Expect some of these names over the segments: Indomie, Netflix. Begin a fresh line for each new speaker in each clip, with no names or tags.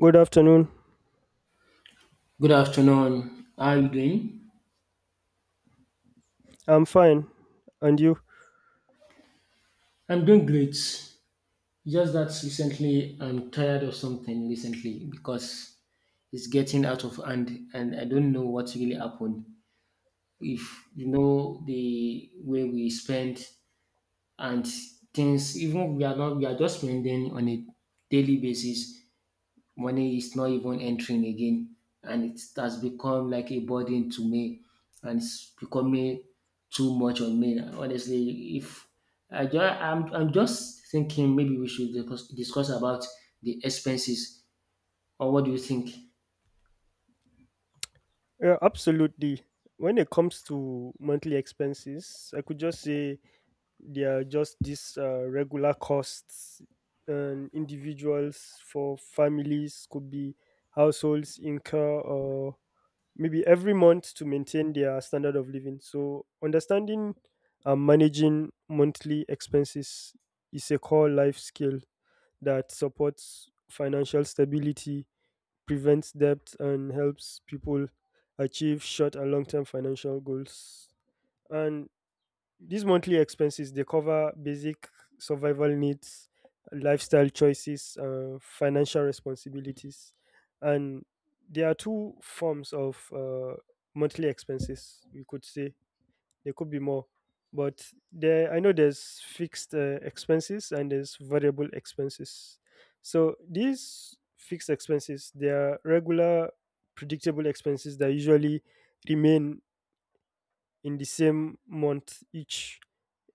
Good afternoon.
Good afternoon. How are you doing?
I'm fine. And you?
I'm doing great. Just that recently I'm tired of something recently because it's getting out of hand and I don't know what really happened. If you know the way we spend and things, even we are not we are just spending on a daily basis, money is not even entering again, and it has become like a burden to me and it's becoming too much on me honestly. If I just, I'm, I'm just thinking maybe we should discuss about the expenses, or what do you think?
Yeah, absolutely. When it comes to monthly expenses, I could just say they are just these regular costs and individuals for families could be households incur or maybe every month to maintain their standard of living. So understanding and managing monthly expenses is a core life skill that supports financial stability, prevents debt, and helps people achieve short and long term financial goals. And these monthly expenses, they cover basic survival needs, lifestyle choices, financial responsibilities, and there are two forms of monthly expenses, we could say there could be more, but there, I know there's fixed expenses and there's variable expenses. So these fixed expenses, they are regular, predictable expenses that usually remain in the same month each.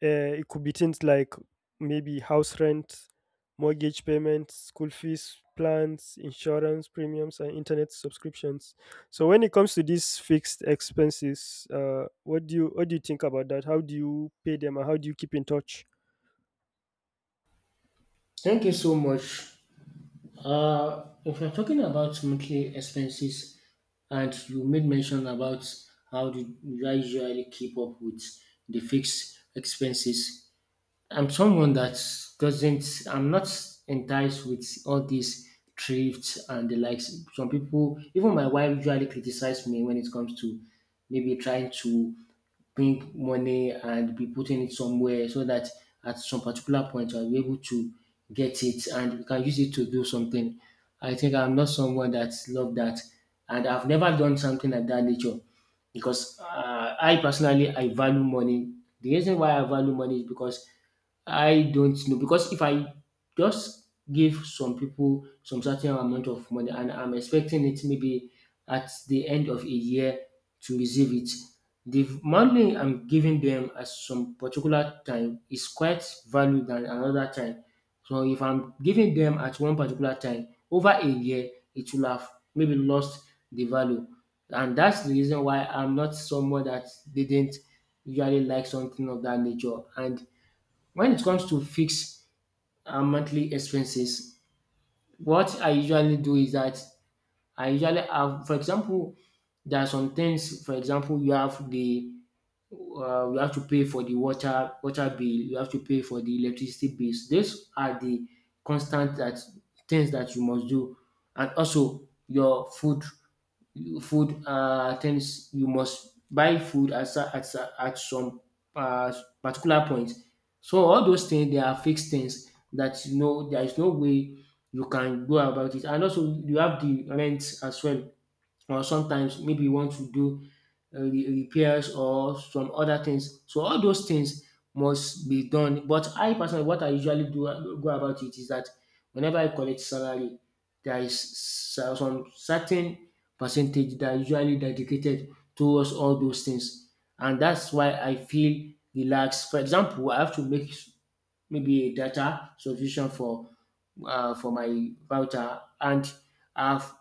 It could be things like maybe house rent, mortgage payments, school fees, plans, insurance premiums, and internet subscriptions. So when it comes to these fixed expenses, what do you think about that? How do you pay them, and how do you keep in touch?
Thank you so much. If you're talking about monthly expenses and you made mention about how do you usually keep up with the fixed expenses, I'm someone that doesn't, I'm not enticed with all these thrifts and the likes. Some people, even my wife, usually criticize me when it comes to maybe trying to bring money and be putting it somewhere so that at some particular point I'll be able to get it and we can use it to do something. I think I'm not someone that love that, and I've never done something of that nature because I personally I value money. The reason why I value money is because I don't know, because if I just give some people some certain amount of money and I'm expecting it maybe at the end of a year to receive it, the money I'm giving them at some particular time is quite valued than another time. So if I'm giving them at one particular time, over a year, it will have maybe lost the value. And that's the reason why I'm not someone that didn't usually like something of that nature. And when it comes to fixed monthly expenses, what I usually do is that I usually have, for example, there are some things. For example, you have the you have to pay for the water bill. You have to pay for the electricity bills. These are the constant that things that you must do, and also your food things. You must buy food at at some uh particular point. So all those things they are fixed things that you know there is no way you can go about it, and also you have the rent as well, or sometimes maybe you want to do repairs or some other things. So all those things must be done. But I personally, what I usually do go about it is that whenever I collect salary, there is some certain percentage that are usually dedicated towards all those things, and that's why I feel relaxed. For example, I have to make maybe a data solution for my router, and I've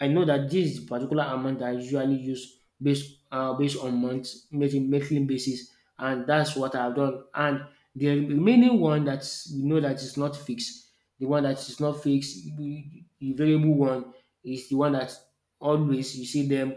I know that this is the particular amount that I usually use based based on months, maybe monthly basis, and that's what I've done. And the remaining one that you know that is not fixed, the one that is not fixed, the variable one is the one that always you see them.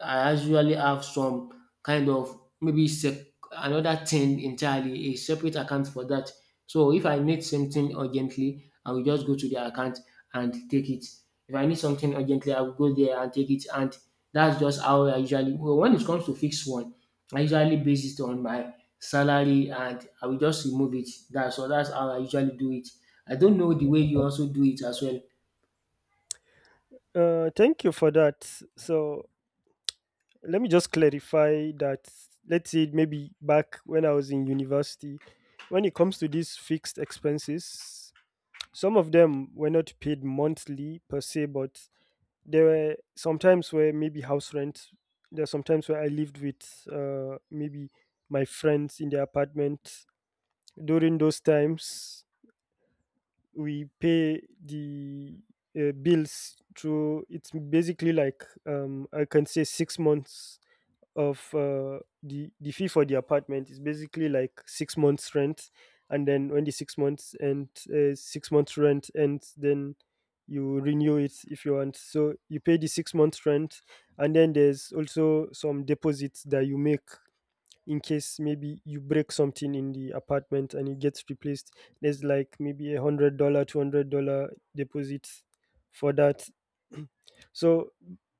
I usually have some kind of maybe another thing entirely, a separate account for that. So if I need something urgently, I will just go to the account and take it. If I need something urgently, I will go there and take it. And that's just how I usually, well, when it comes to fixed one, I usually base it on my salary and I will just remove it. That's so that's how I usually do it. I don't know the way you also do it as well.
Thank you for that. So let me just clarify that, let's say maybe back when I was in university, when it comes to these fixed expenses, some of them were not paid monthly per se, but there were sometimes where maybe house rent. There are sometimes where I lived with maybe my friends in their apartment. During those times, we pay the bills through. It's basically like I can say 6 months of the fee for the apartment is basically like 6 months rent, and then when the 6 months and 6 months rent ends, then you renew it if you want. So you pay the 6 months rent, and then there's also some deposits that you make in case maybe you break something in the apartment and it gets replaced. There's like maybe $100, $200 deposit for that. So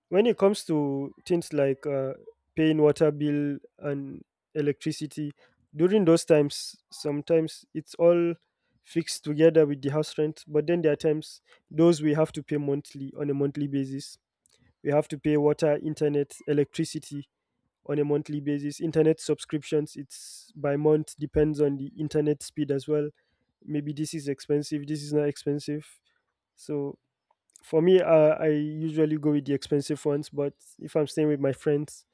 when it comes to things like paying water bill and electricity, during those times, sometimes it's all fixed together with the house rent. But then there are times those we have to pay monthly on a monthly basis. We have to pay water, internet, electricity on a monthly basis. Internet subscriptions, it's by month, depends on the internet speed as well. Maybe this is expensive, this is not expensive. So for me, I usually go with the expensive ones, but if I'm staying with my friends,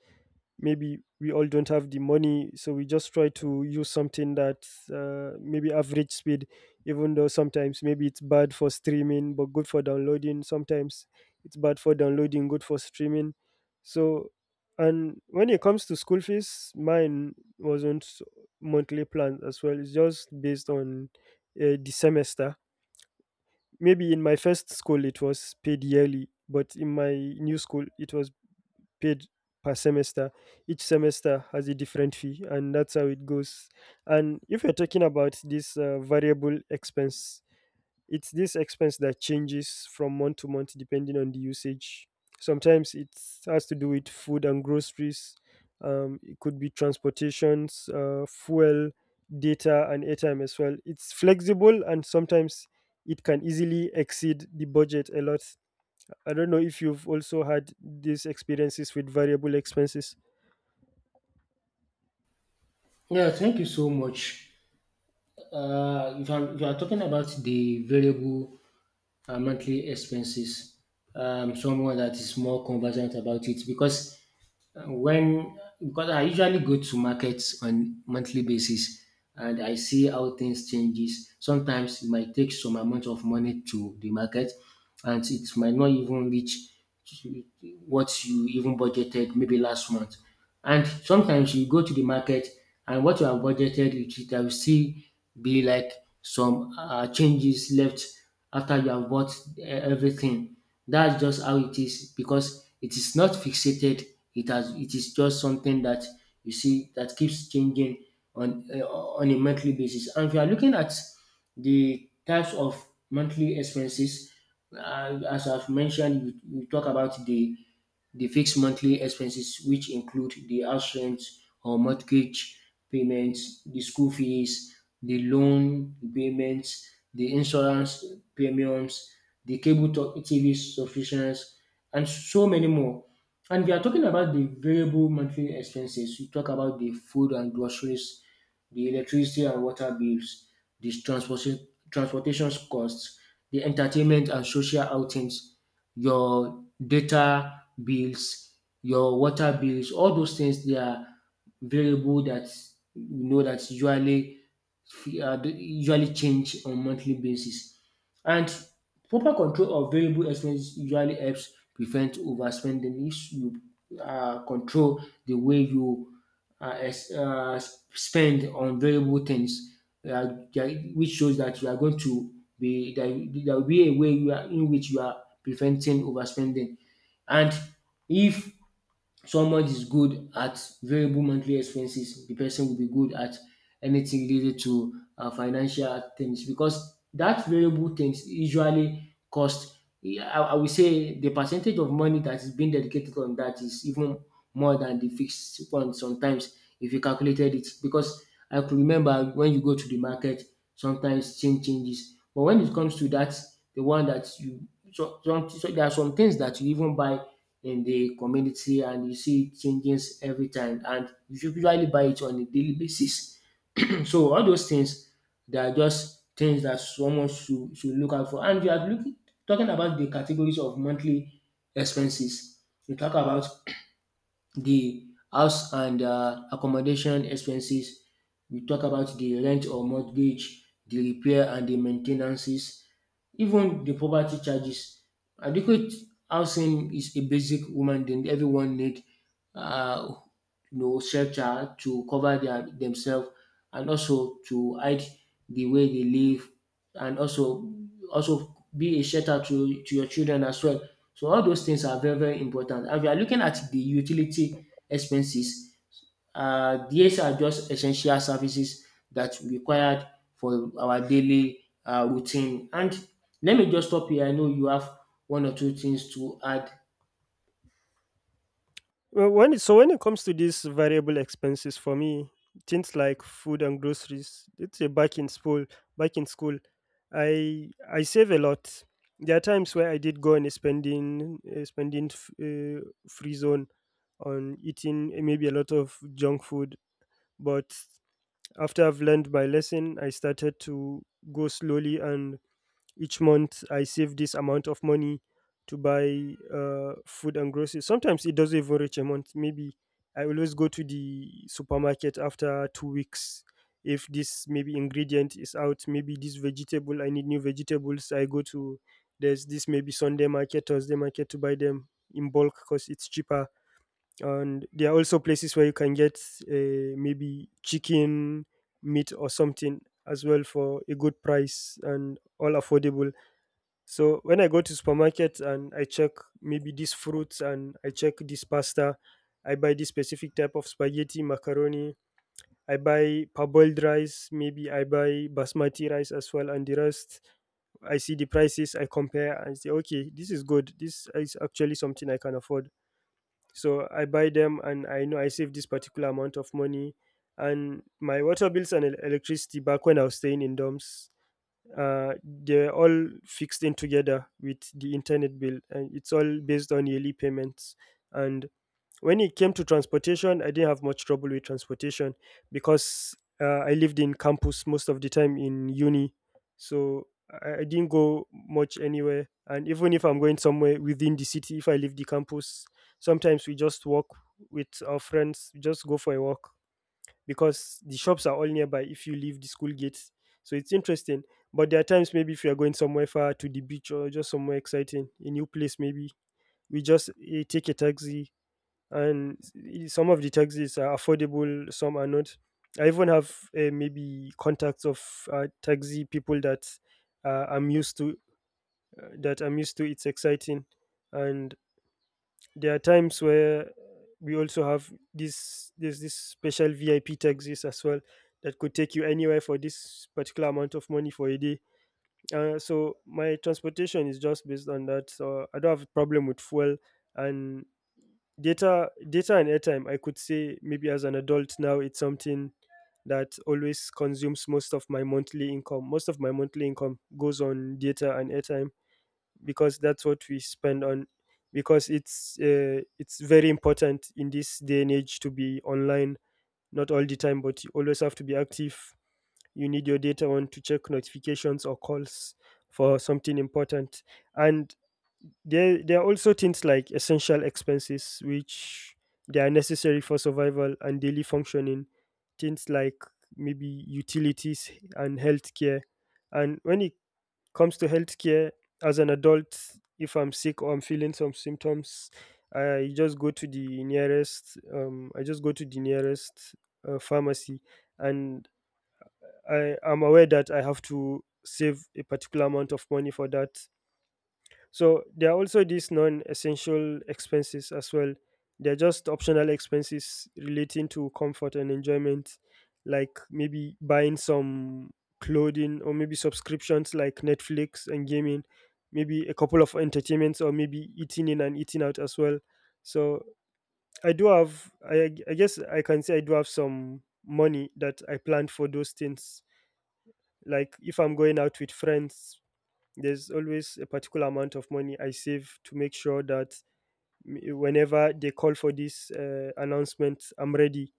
maybe we all don't have the money, so we just try to use something that maybe average speed, even though sometimes maybe it's bad for streaming but good for downloading. Sometimes it's bad for downloading, good for streaming. So, and when it comes to school fees, mine wasn't monthly plans as well. It's just based on the semester. Maybe in my first school it was paid yearly, but in my new school it was paid per semester. Each semester has a different fee, and that's how it goes. And if you're talking about this variable expense, it's this expense that changes from month to month depending on the usage. Sometimes it has to do with food and groceries. It could be transportations, fuel, data, and airtime as well. It's flexible and sometimes it can easily exceed the budget a lot. I don't know if you've also had these experiences with variable expenses.
Yeah, thank you so much. If you are talking about the variable monthly expenses, someone that is more conversant about it because when because I usually go to markets on monthly basis and I see how things changes. Sometimes it might take some amount of money to the market, and it might not even reach what you even budgeted maybe last month. And sometimes you go to the market and what you have budgeted, it there will still be like some changes left after you have bought everything. That's just how it is because it is not fixated. It has it is just something that you see that keeps changing on a monthly basis. And if you are looking at the types of monthly expenses, as I've mentioned, you talk about the fixed monthly expenses, which include the house rent or mortgage payments, the school fees, the loan payments, the insurance premiums, the cable TV subscriptions, and so many more. And we are talking about the variable monthly expenses. We talk about the food and groceries, the electricity and water bills, the transportation costs, the entertainment and social outings, your data bills, your water bills, all those things they are variable that you know that usually usually change on monthly basis. And proper control of variable expenses usually helps prevent overspending. If you control the way you uh, ex- uh, spend on variable things, uh, that- which shows that you are going to be there, there will be a way you are, in which you are preventing overspending. And if someone is good at variable monthly expenses, the person will be good at anything related to financial things, because that variable things usually cost, I will say the percentage of money that is being dedicated on that is even more than the fixed one sometimes if you calculated it. Because I could remember when you go to the market sometimes changes, but when it comes to that, the one that you some so there are some things that you even buy in the community and you see it changes every time and you should usually buy it on a daily basis. So all those things, they are just things that someone should look out for. And you are looking talking about the categories of monthly expenses. You talk about the house and accommodation expenses. We talk about the rent or mortgage, the repair and the maintenances, even the property charges. Adequate housing is a basic woman that everyone need. Uh, you know, shelter to cover their themselves and also to hide the way they live, and also also be a shelter to your children as well. So all those things are very, very important. And if you are looking at the utility expenses, these are just essential services that required for our daily routine. And let me just stop here. I know you have one or two things to add.
Well, when it, so when it comes to these variable expenses for me, things like food and groceries, let's say back in school, I save a lot. There are times where I did go on a spending free zone on eating maybe a lot of junk food, but after I've learned my lesson, I started to go slowly and each month I save this amount of money to buy food and groceries. Sometimes it doesn't even reach a month. Maybe I always go to the supermarket after 2 weeks. If this maybe ingredient is out, maybe this vegetable, I need new vegetables. I go to, there's this maybe Sunday market, Thursday market, to buy them in bulk because it's cheaper. And there are also places where you can get maybe chicken, meat, or something as well for a good price and all affordable. So when I go to supermarket and I check maybe these fruits and I check this pasta, I buy this specific type of spaghetti, macaroni, I buy parboiled rice, maybe I buy basmati rice as well, and the rest, I see the prices, I compare and say, okay, this is good. This is actually something I can afford. So I buy them and I know I save this particular amount of money. And my water bills and el- electricity back when I was staying in dorms, they're all fixed in together with the internet bill and it's all based on yearly payments. And when it came to transportation, I didn't have much trouble with transportation because I lived in campus most of the time in uni, so I didn't go much anywhere, and even if I'm going somewhere within the city, if I leave the campus, sometimes we just walk with our friends, we just go for a walk because the shops are all nearby if you leave the school gates. So it's interesting. But there are times maybe if you are going somewhere far, to the beach or just somewhere exciting, a new place maybe, we just take a taxi. And some of the taxis are affordable, some are not. I even have maybe contacts of taxi people that I'm used to. That I'm used to. It's exciting, and there are times where we also have this special VIP taxis as well that could take you anywhere for this particular amount of money for a day. So my transportation is just based on that. So I don't have a problem with fuel. And data and airtime, I could say maybe as an adult now it's something that always consumes most of my monthly income. Most of my monthly income goes on data and airtime because that's what we spend on, because it's very important in this day and age to be online, not all the time but you always have to be active, you need your data on to check notifications or calls for something important. And there are also things like essential expenses which they are necessary for survival and daily functioning, things like maybe utilities and healthcare. And when it comes to healthcare as an adult, if I'm sick or I'm feeling some symptoms, I just go to the nearest. I just go to the nearest pharmacy, and I am aware that I have to save a particular amount of money for that. So there are also these non-essential expenses as well. They're just optional expenses relating to comfort and enjoyment, like maybe buying some clothing or maybe subscriptions like Netflix and gaming, maybe a couple of entertainments or maybe eating in and eating out as well. So I do have, I guess I can say I do have some money that I planned for those things. Like if I'm going out with friends, there's always a particular amount of money I save to make sure that whenever they call for this announcement, I'm ready,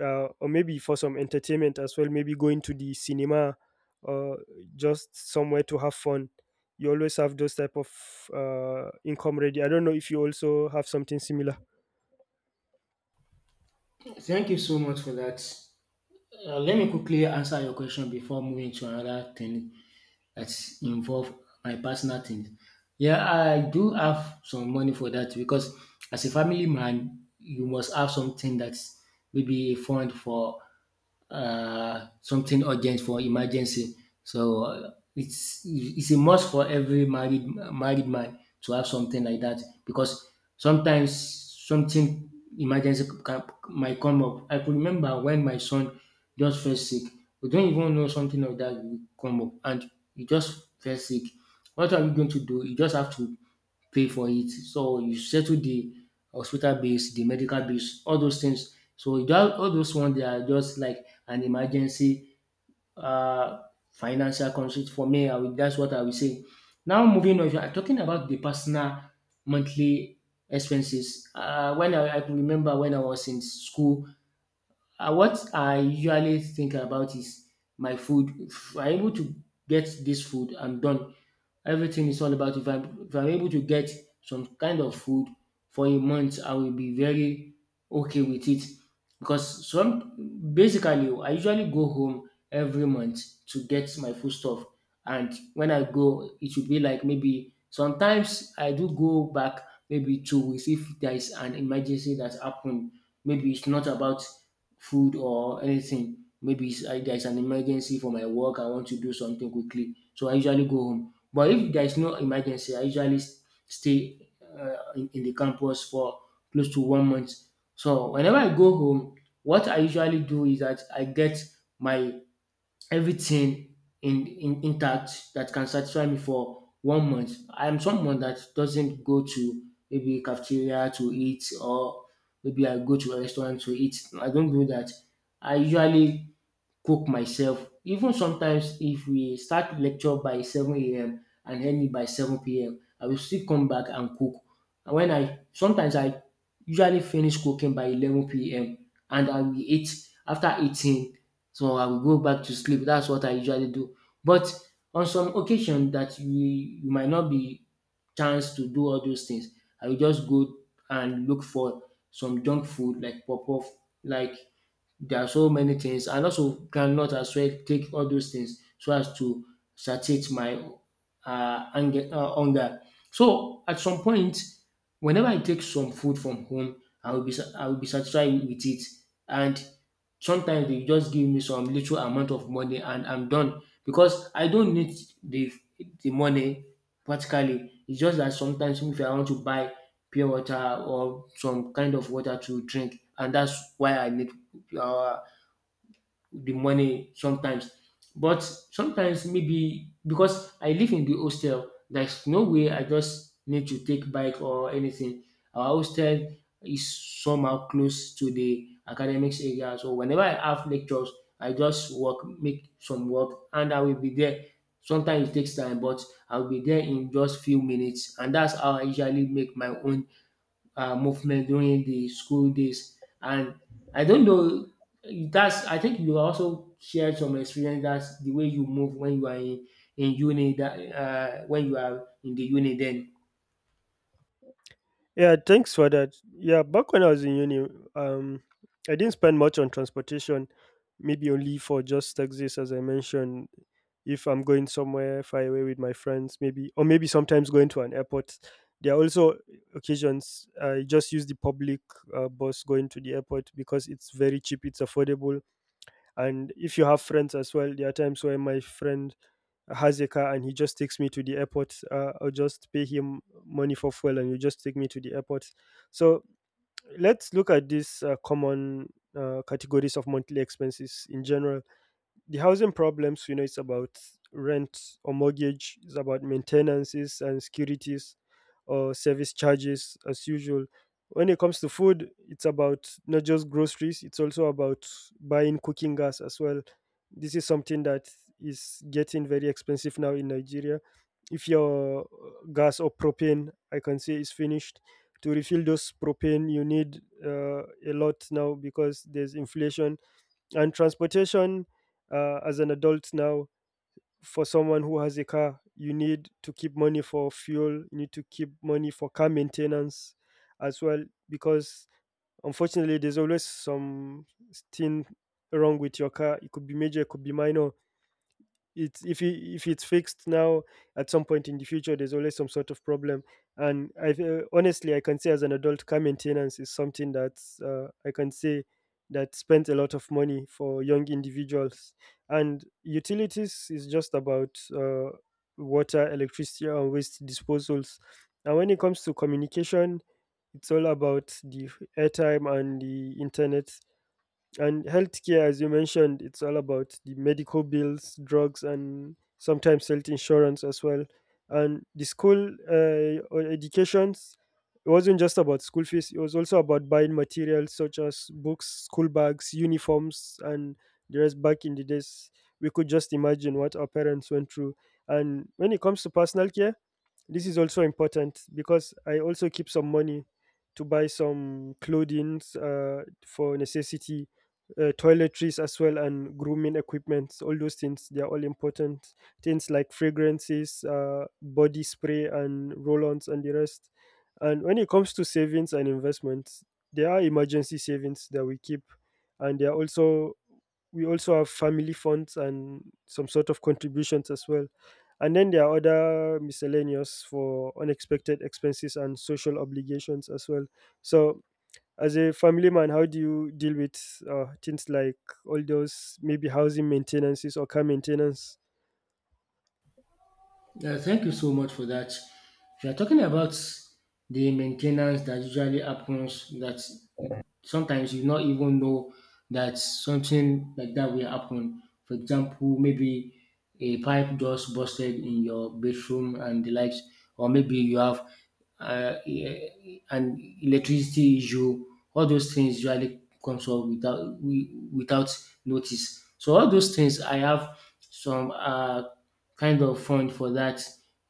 or maybe for some entertainment as well, maybe going to the cinema or just somewhere to have fun. You always have those type of income ready. I don't know if you also have something similar.
Thank you so much for that. Let me quickly answer your question before moving to another thing that's involve my personal things. Yeah, I do have some money for that because as a family man, you must have something that's maybe a fund for something urgent for emergency. So it's a must for every married man to have something like that, because sometimes something emergency can, might come up. I could remember when my son just fell sick. We don't even know something like that will come up, and he just fell sick. What are we going to do? You just have to pay for it. So you settle the hospital bills, the medical bills, all those things. So that all those ones they are just like an emergency uh, financial constraint for me. I will, that's what I will say. Now moving on, if you are talking about the personal monthly expenses. I can remember when I was in school, what I usually think about is my food. If I'm able to get this food, I'm done. Everything is all about if if I'm able to get some kind of food for a month, I will be very okay with it. Because some basically, I usually go home every month to get my food stuff. And when I go, it should be like maybe sometimes I do go back maybe 2 weeks if there is an emergency that happened. Maybe it's not about food or anything. Maybe there's an emergency for my work, I want to do something quickly. So I usually go home. But if there's no emergency, I usually stay in the campus for close to 1 month. So whenever I go home, what I usually do is that I get my everything in intact that can satisfy me for 1 month. I'm someone that doesn't go to maybe cafeteria to eat or maybe I go to a restaurant to eat. I don't do that. I usually cook myself. Even sometimes if we start lecture by 7 a.m. And end it by 7 p.m., I will still come back and cook. And when I sometimes I usually finish cooking by 11 p.m. and I will eat after eating. So I will go back to sleep. That's what I usually do. But on some occasion that you might not be chance to do all those things, I will just go and look for some junk food like pop-off, like there are so many things and also cannot as well take all those things so as to satiate my hunger. So at some point, whenever I take some food from home, I will be satisfied with it. And sometimes they just give me some little amount of money and I'm done because I don't need the the money practically. It's just that sometimes if I want to buy pure water or some kind of water to drink, and that's why I need uh, the money sometimes. But sometimes maybe because I live in the hostel, there's no way I just need to take bike or anything. Our hostel is somehow close to the academics area. So whenever I have lectures, I just work, make some work, and I will be there. Sometimes it takes time, but I'll be there in just few minutes, and that's how I usually make my own movement during the school days. And I don't know, that's, I think you also shared some experience that's the way you move when you are in uni, that, when you are in the uni then.
Yeah, thanks for that. Yeah, back when I was in uni, um, I didn't spend much on transportation, maybe only for just taxis, as I mentioned. If I'm going somewhere far away with my friends, maybe, or maybe sometimes going to an airport. There are also occasions I just use the public bus going to the airport because it's very cheap, it's affordable, and if you have friends as well, there are times where my friend has a car and he just takes me to the airport. I'll just pay him money for fuel and you just take me to the airport. So let's look at these common categories of monthly expenses in general. The housing problems, you know, it's about rent or mortgage, it's about maintenances and securities, or service charges as usual. When it comes to food, it's about not just groceries, it's also about buying cooking gas as well. This is something that is getting very expensive now in Nigeria. If your gas or propane, I can say, is finished, to refill those propane you need a lot now because there's inflation. And transportation, as an adult now, for someone who has a car, you need to keep money for fuel, you need to keep money for car maintenance as well, because unfortunately, there's always some thing wrong with your car. It could be major, it could be minor. It's if it, if it's fixed now, at some point in the future there's always some sort of problem. And I honestly, I can say as an adult, car maintenance is something that's I can say that spends a lot of money for young individuals. And utilities is just about water, electricity, and waste disposals. And when it comes to communication, it's all about the airtime and the internet. And healthcare, as you mentioned, it's all about the medical bills, drugs, and sometimes health insurance as well. And the school or educations, it wasn't just about school fees, it was also about buying materials such as books, school bags, uniforms, and the rest back in the days. We could just imagine what our parents went through. And when it comes to personal care, this is also important because I also keep some money to buy some clothing for necessity, toiletries as well, and grooming equipment. All those things, they are all important. Things like fragrances, body spray, and roll ons, and the rest. And when it comes to savings and investments, there are emergency savings that we keep, and there are also, we also have family funds and some sort of contributions as well. And then there are other miscellaneous for unexpected expenses and social obligations as well. So, as a family man, how do you deal with things like all those maybe housing maintenances or car maintenance?
Yeah, thank you so much for that. If you're talking about the maintenance that usually happens, that you- sometimes you not even know that something like that will happen. For example, maybe a pipe just busted in your bedroom and the likes, or maybe you have e- and electricity issue, all those things usually comes up without notice. So all those things, I have some kind of fund for that.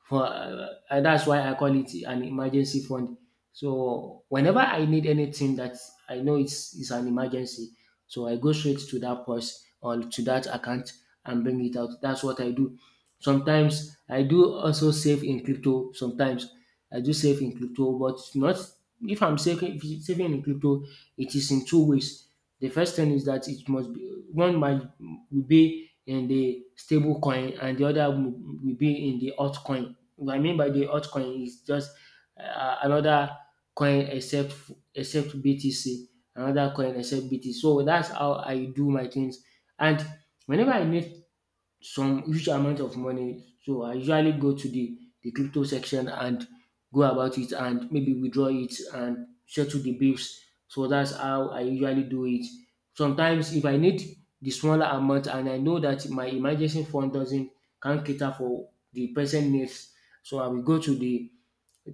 For That's why I call it an emergency fund. So whenever I need anything that I know it's is an emergency, so I go straight to that post or to that account and bring it out. That's what I do. Sometimes I do also save in crypto. Sometimes I do save in crypto, but not if it's saving in crypto, it is in two ways. The first thing is that it must be one might will be in the stable coin and the other will be in the altcoin. What I mean by the altcoin is just another coin except BTC, another coin except BTC. So that's how I do my things. And whenever I need some huge amount of money. So I usually go to the crypto section and go about it and maybe withdraw it and settle the bills. So that's how I usually do it. Sometimes if I need the smaller amount and I know that my emergency fund doesn't can't cater for the present needs, so I will go to the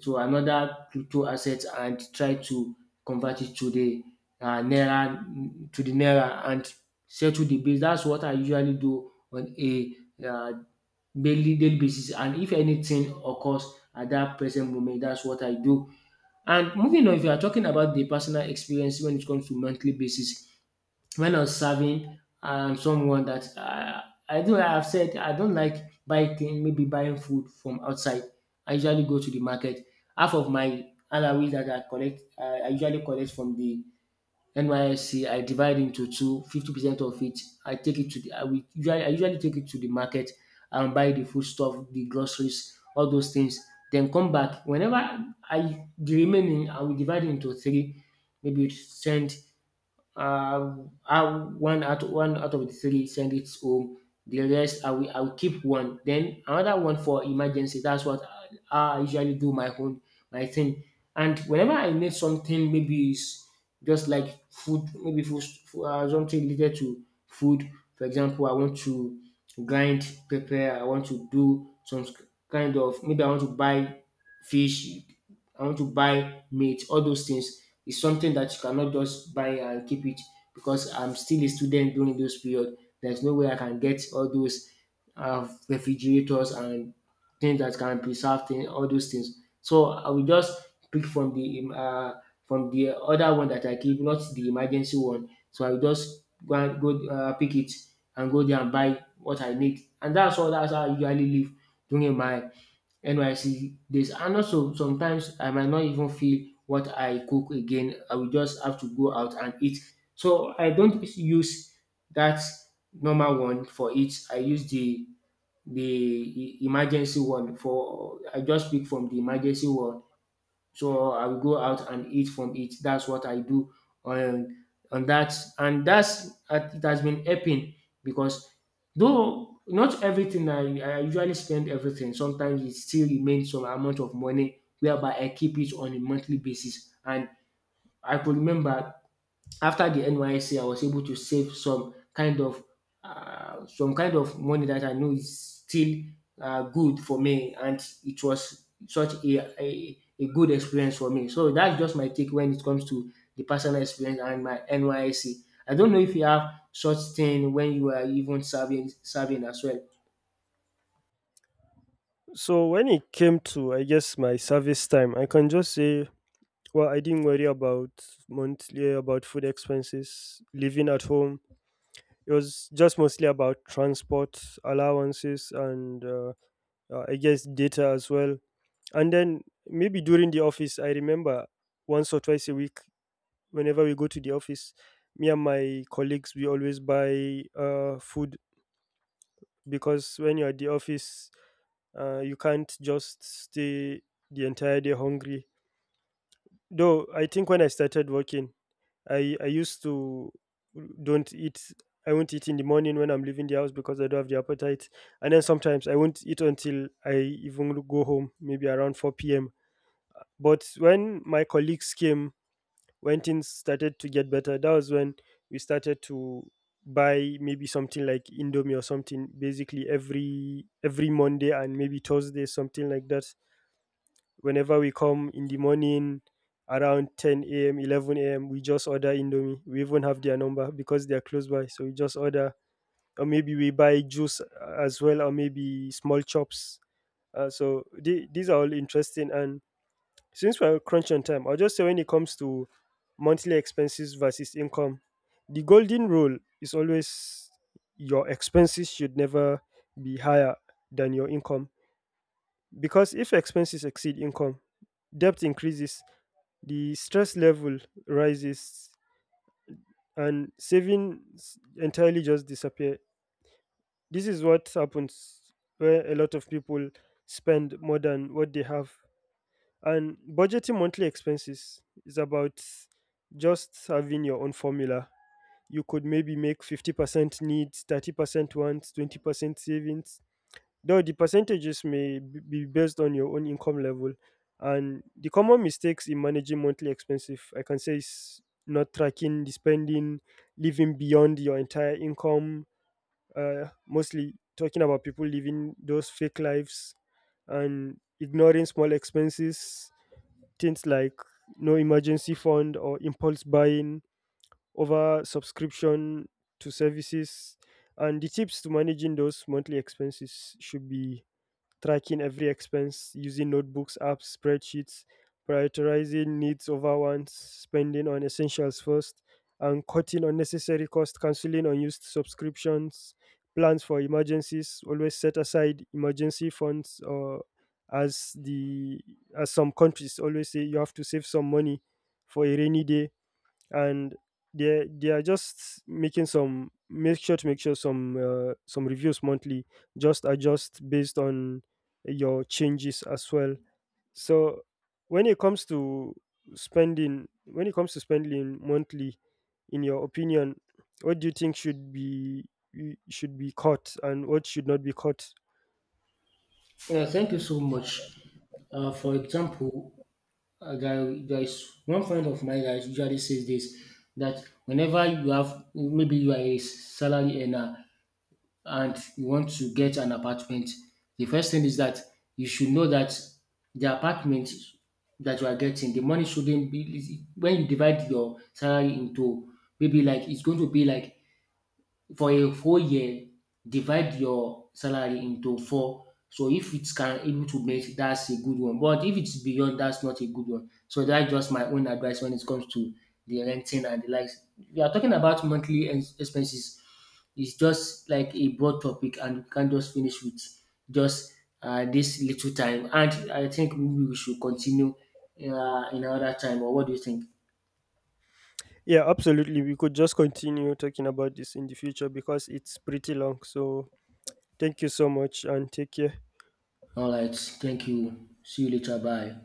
to another crypto asset and try to convert it to the naira to the naira and settle the base. That's what I usually do on a uh, daily basis. And if anything occurs at that present moment, that's what I do. And moving on, if you are talking about the personal experience when it comes to monthly basis, when I was serving someone that I've said I don't like biking, maybe buying food from outside. I usually go to the market. Half of my allowance that I usually collect from the NYSC, I divide into two, 50% of it. I usually take it to the market and buy the food stuff, the groceries, all those things. Then come back. The remaining, I will divide it into three. Maybe send uh, I one out of the three, send it home. The rest I will keep one. Then another one for emergency. That's what I usually do my thing. And whenever I need something, maybe it's just like food, maybe food, something related to food. For example, I want to grind pepper. I want to do some kind of maybe I want to buy fish, I want to buy meat, all those things. It's something that you cannot just buy and keep it because I'm still a student during those period. There's no way I can get all those refrigerators and things that can preserve things, all those things. So I will just pick from the other one that I keep, not the emergency one. So I will just go pick it and go there and buy what I need. And that's all. That's how I usually live during my NYC days, and also sometimes I might not even feel what I cook again. I will just have to go out and eat. So I don't use that normal one for it. I use the e- emergency one for I just pick from the emergency one so I will go out and eat from it. That's what I do on on that, and that's and it has been helping because though not everything, I usually spend everything. Sometimes it still remains some amount of money whereby I keep it on a monthly basis. And I could remember after the NYSC, I was able to save some kind of money that I know is still good for me, and it was such a good experience for me. So that's just my take when it comes to the personal experience and my NYSC. I don't know if you have such thing when you are even serving as well.
So, when it came to, I guess, my service time, I can just say, well, I didn't worry about monthly, about food expenses, living at home. It was just mostly about transport allowances and I guess data as well. And then maybe during the office, I remember once or twice a week, whenever we go to the office, me and my colleagues, we always buy food because when you're at the office, you can't just stay the entire day hungry. Though I think when I started working, I used to don't eat. I won't eat in the morning when I'm leaving the house because I don't have the appetite. And then sometimes I won't eat until I even go home, maybe around 4 p.m. But when my colleagues came, when things started to get better, that was when we started to buy maybe something like Indomie or something basically every Monday and maybe Thursday, something like that. Whenever we come in the morning around 10 a.m., 11 a.m., we just order Indomie. We even have their number because they are close by. So we just order, or maybe we buy juice as well, or maybe small chops. So these are all interesting, and since we're crunch on time, I'll just say when it comes to monthly expenses versus income, the golden rule is always your expenses should never be higher than your income. Because if expenses exceed income, debt increases, the stress level rises, and savings entirely just disappear. This is what happens where a lot of people spend more than what they have. And budgeting monthly expenses is about just having your own formula. You could maybe make 50% needs, 30% wants, 20% savings. Though the percentages may be based on your own income level. And the common mistakes in managing monthly expenses, I can say, is not tracking the spending, living beyond your entire income, mostly talking about people living those fake lives and ignoring small expenses, things like no emergency fund or impulse buying, over subscription to services. And the tips to managing those monthly expenses should be tracking every expense using notebooks, apps, spreadsheets, prioritizing needs over wants, spending on essentials first, and cutting unnecessary costs, canceling unused subscriptions, plans for emergencies, always set aside emergency funds. Or as the, as some countries always say, you have to save some money for a rainy day. And they are just making some, make sure some reviews monthly, just adjust based on your changes as well. So, when it comes to when it comes to spending monthly, in your opinion, what do you think should be, should be caught and what should not be caught?
Yeah, thank you so much. For example, a guy, there is one friend of mine that usually says this, that whenever you have, maybe you are a salary earner and you want to get an apartment, the first thing is that you should know that the apartment that you are getting, the money shouldn't be, when you divide your salary into, maybe like it's going to be like for a whole year, divide your salary into four. So if it's can able to make, that's a good one. But if it's beyond, that's not a good one. So that's just my own advice when it comes to the renting and the likes. We are talking about monthly expenses. It's just like a broad topic, and we can't just finish with just this little time. And I think maybe we should continue in another time. Or what do you think?
Yeah, absolutely, we could just continue talking about this in the future because it's pretty long. So thank you so much and take care.
All right. Thank you. See you later. Bye.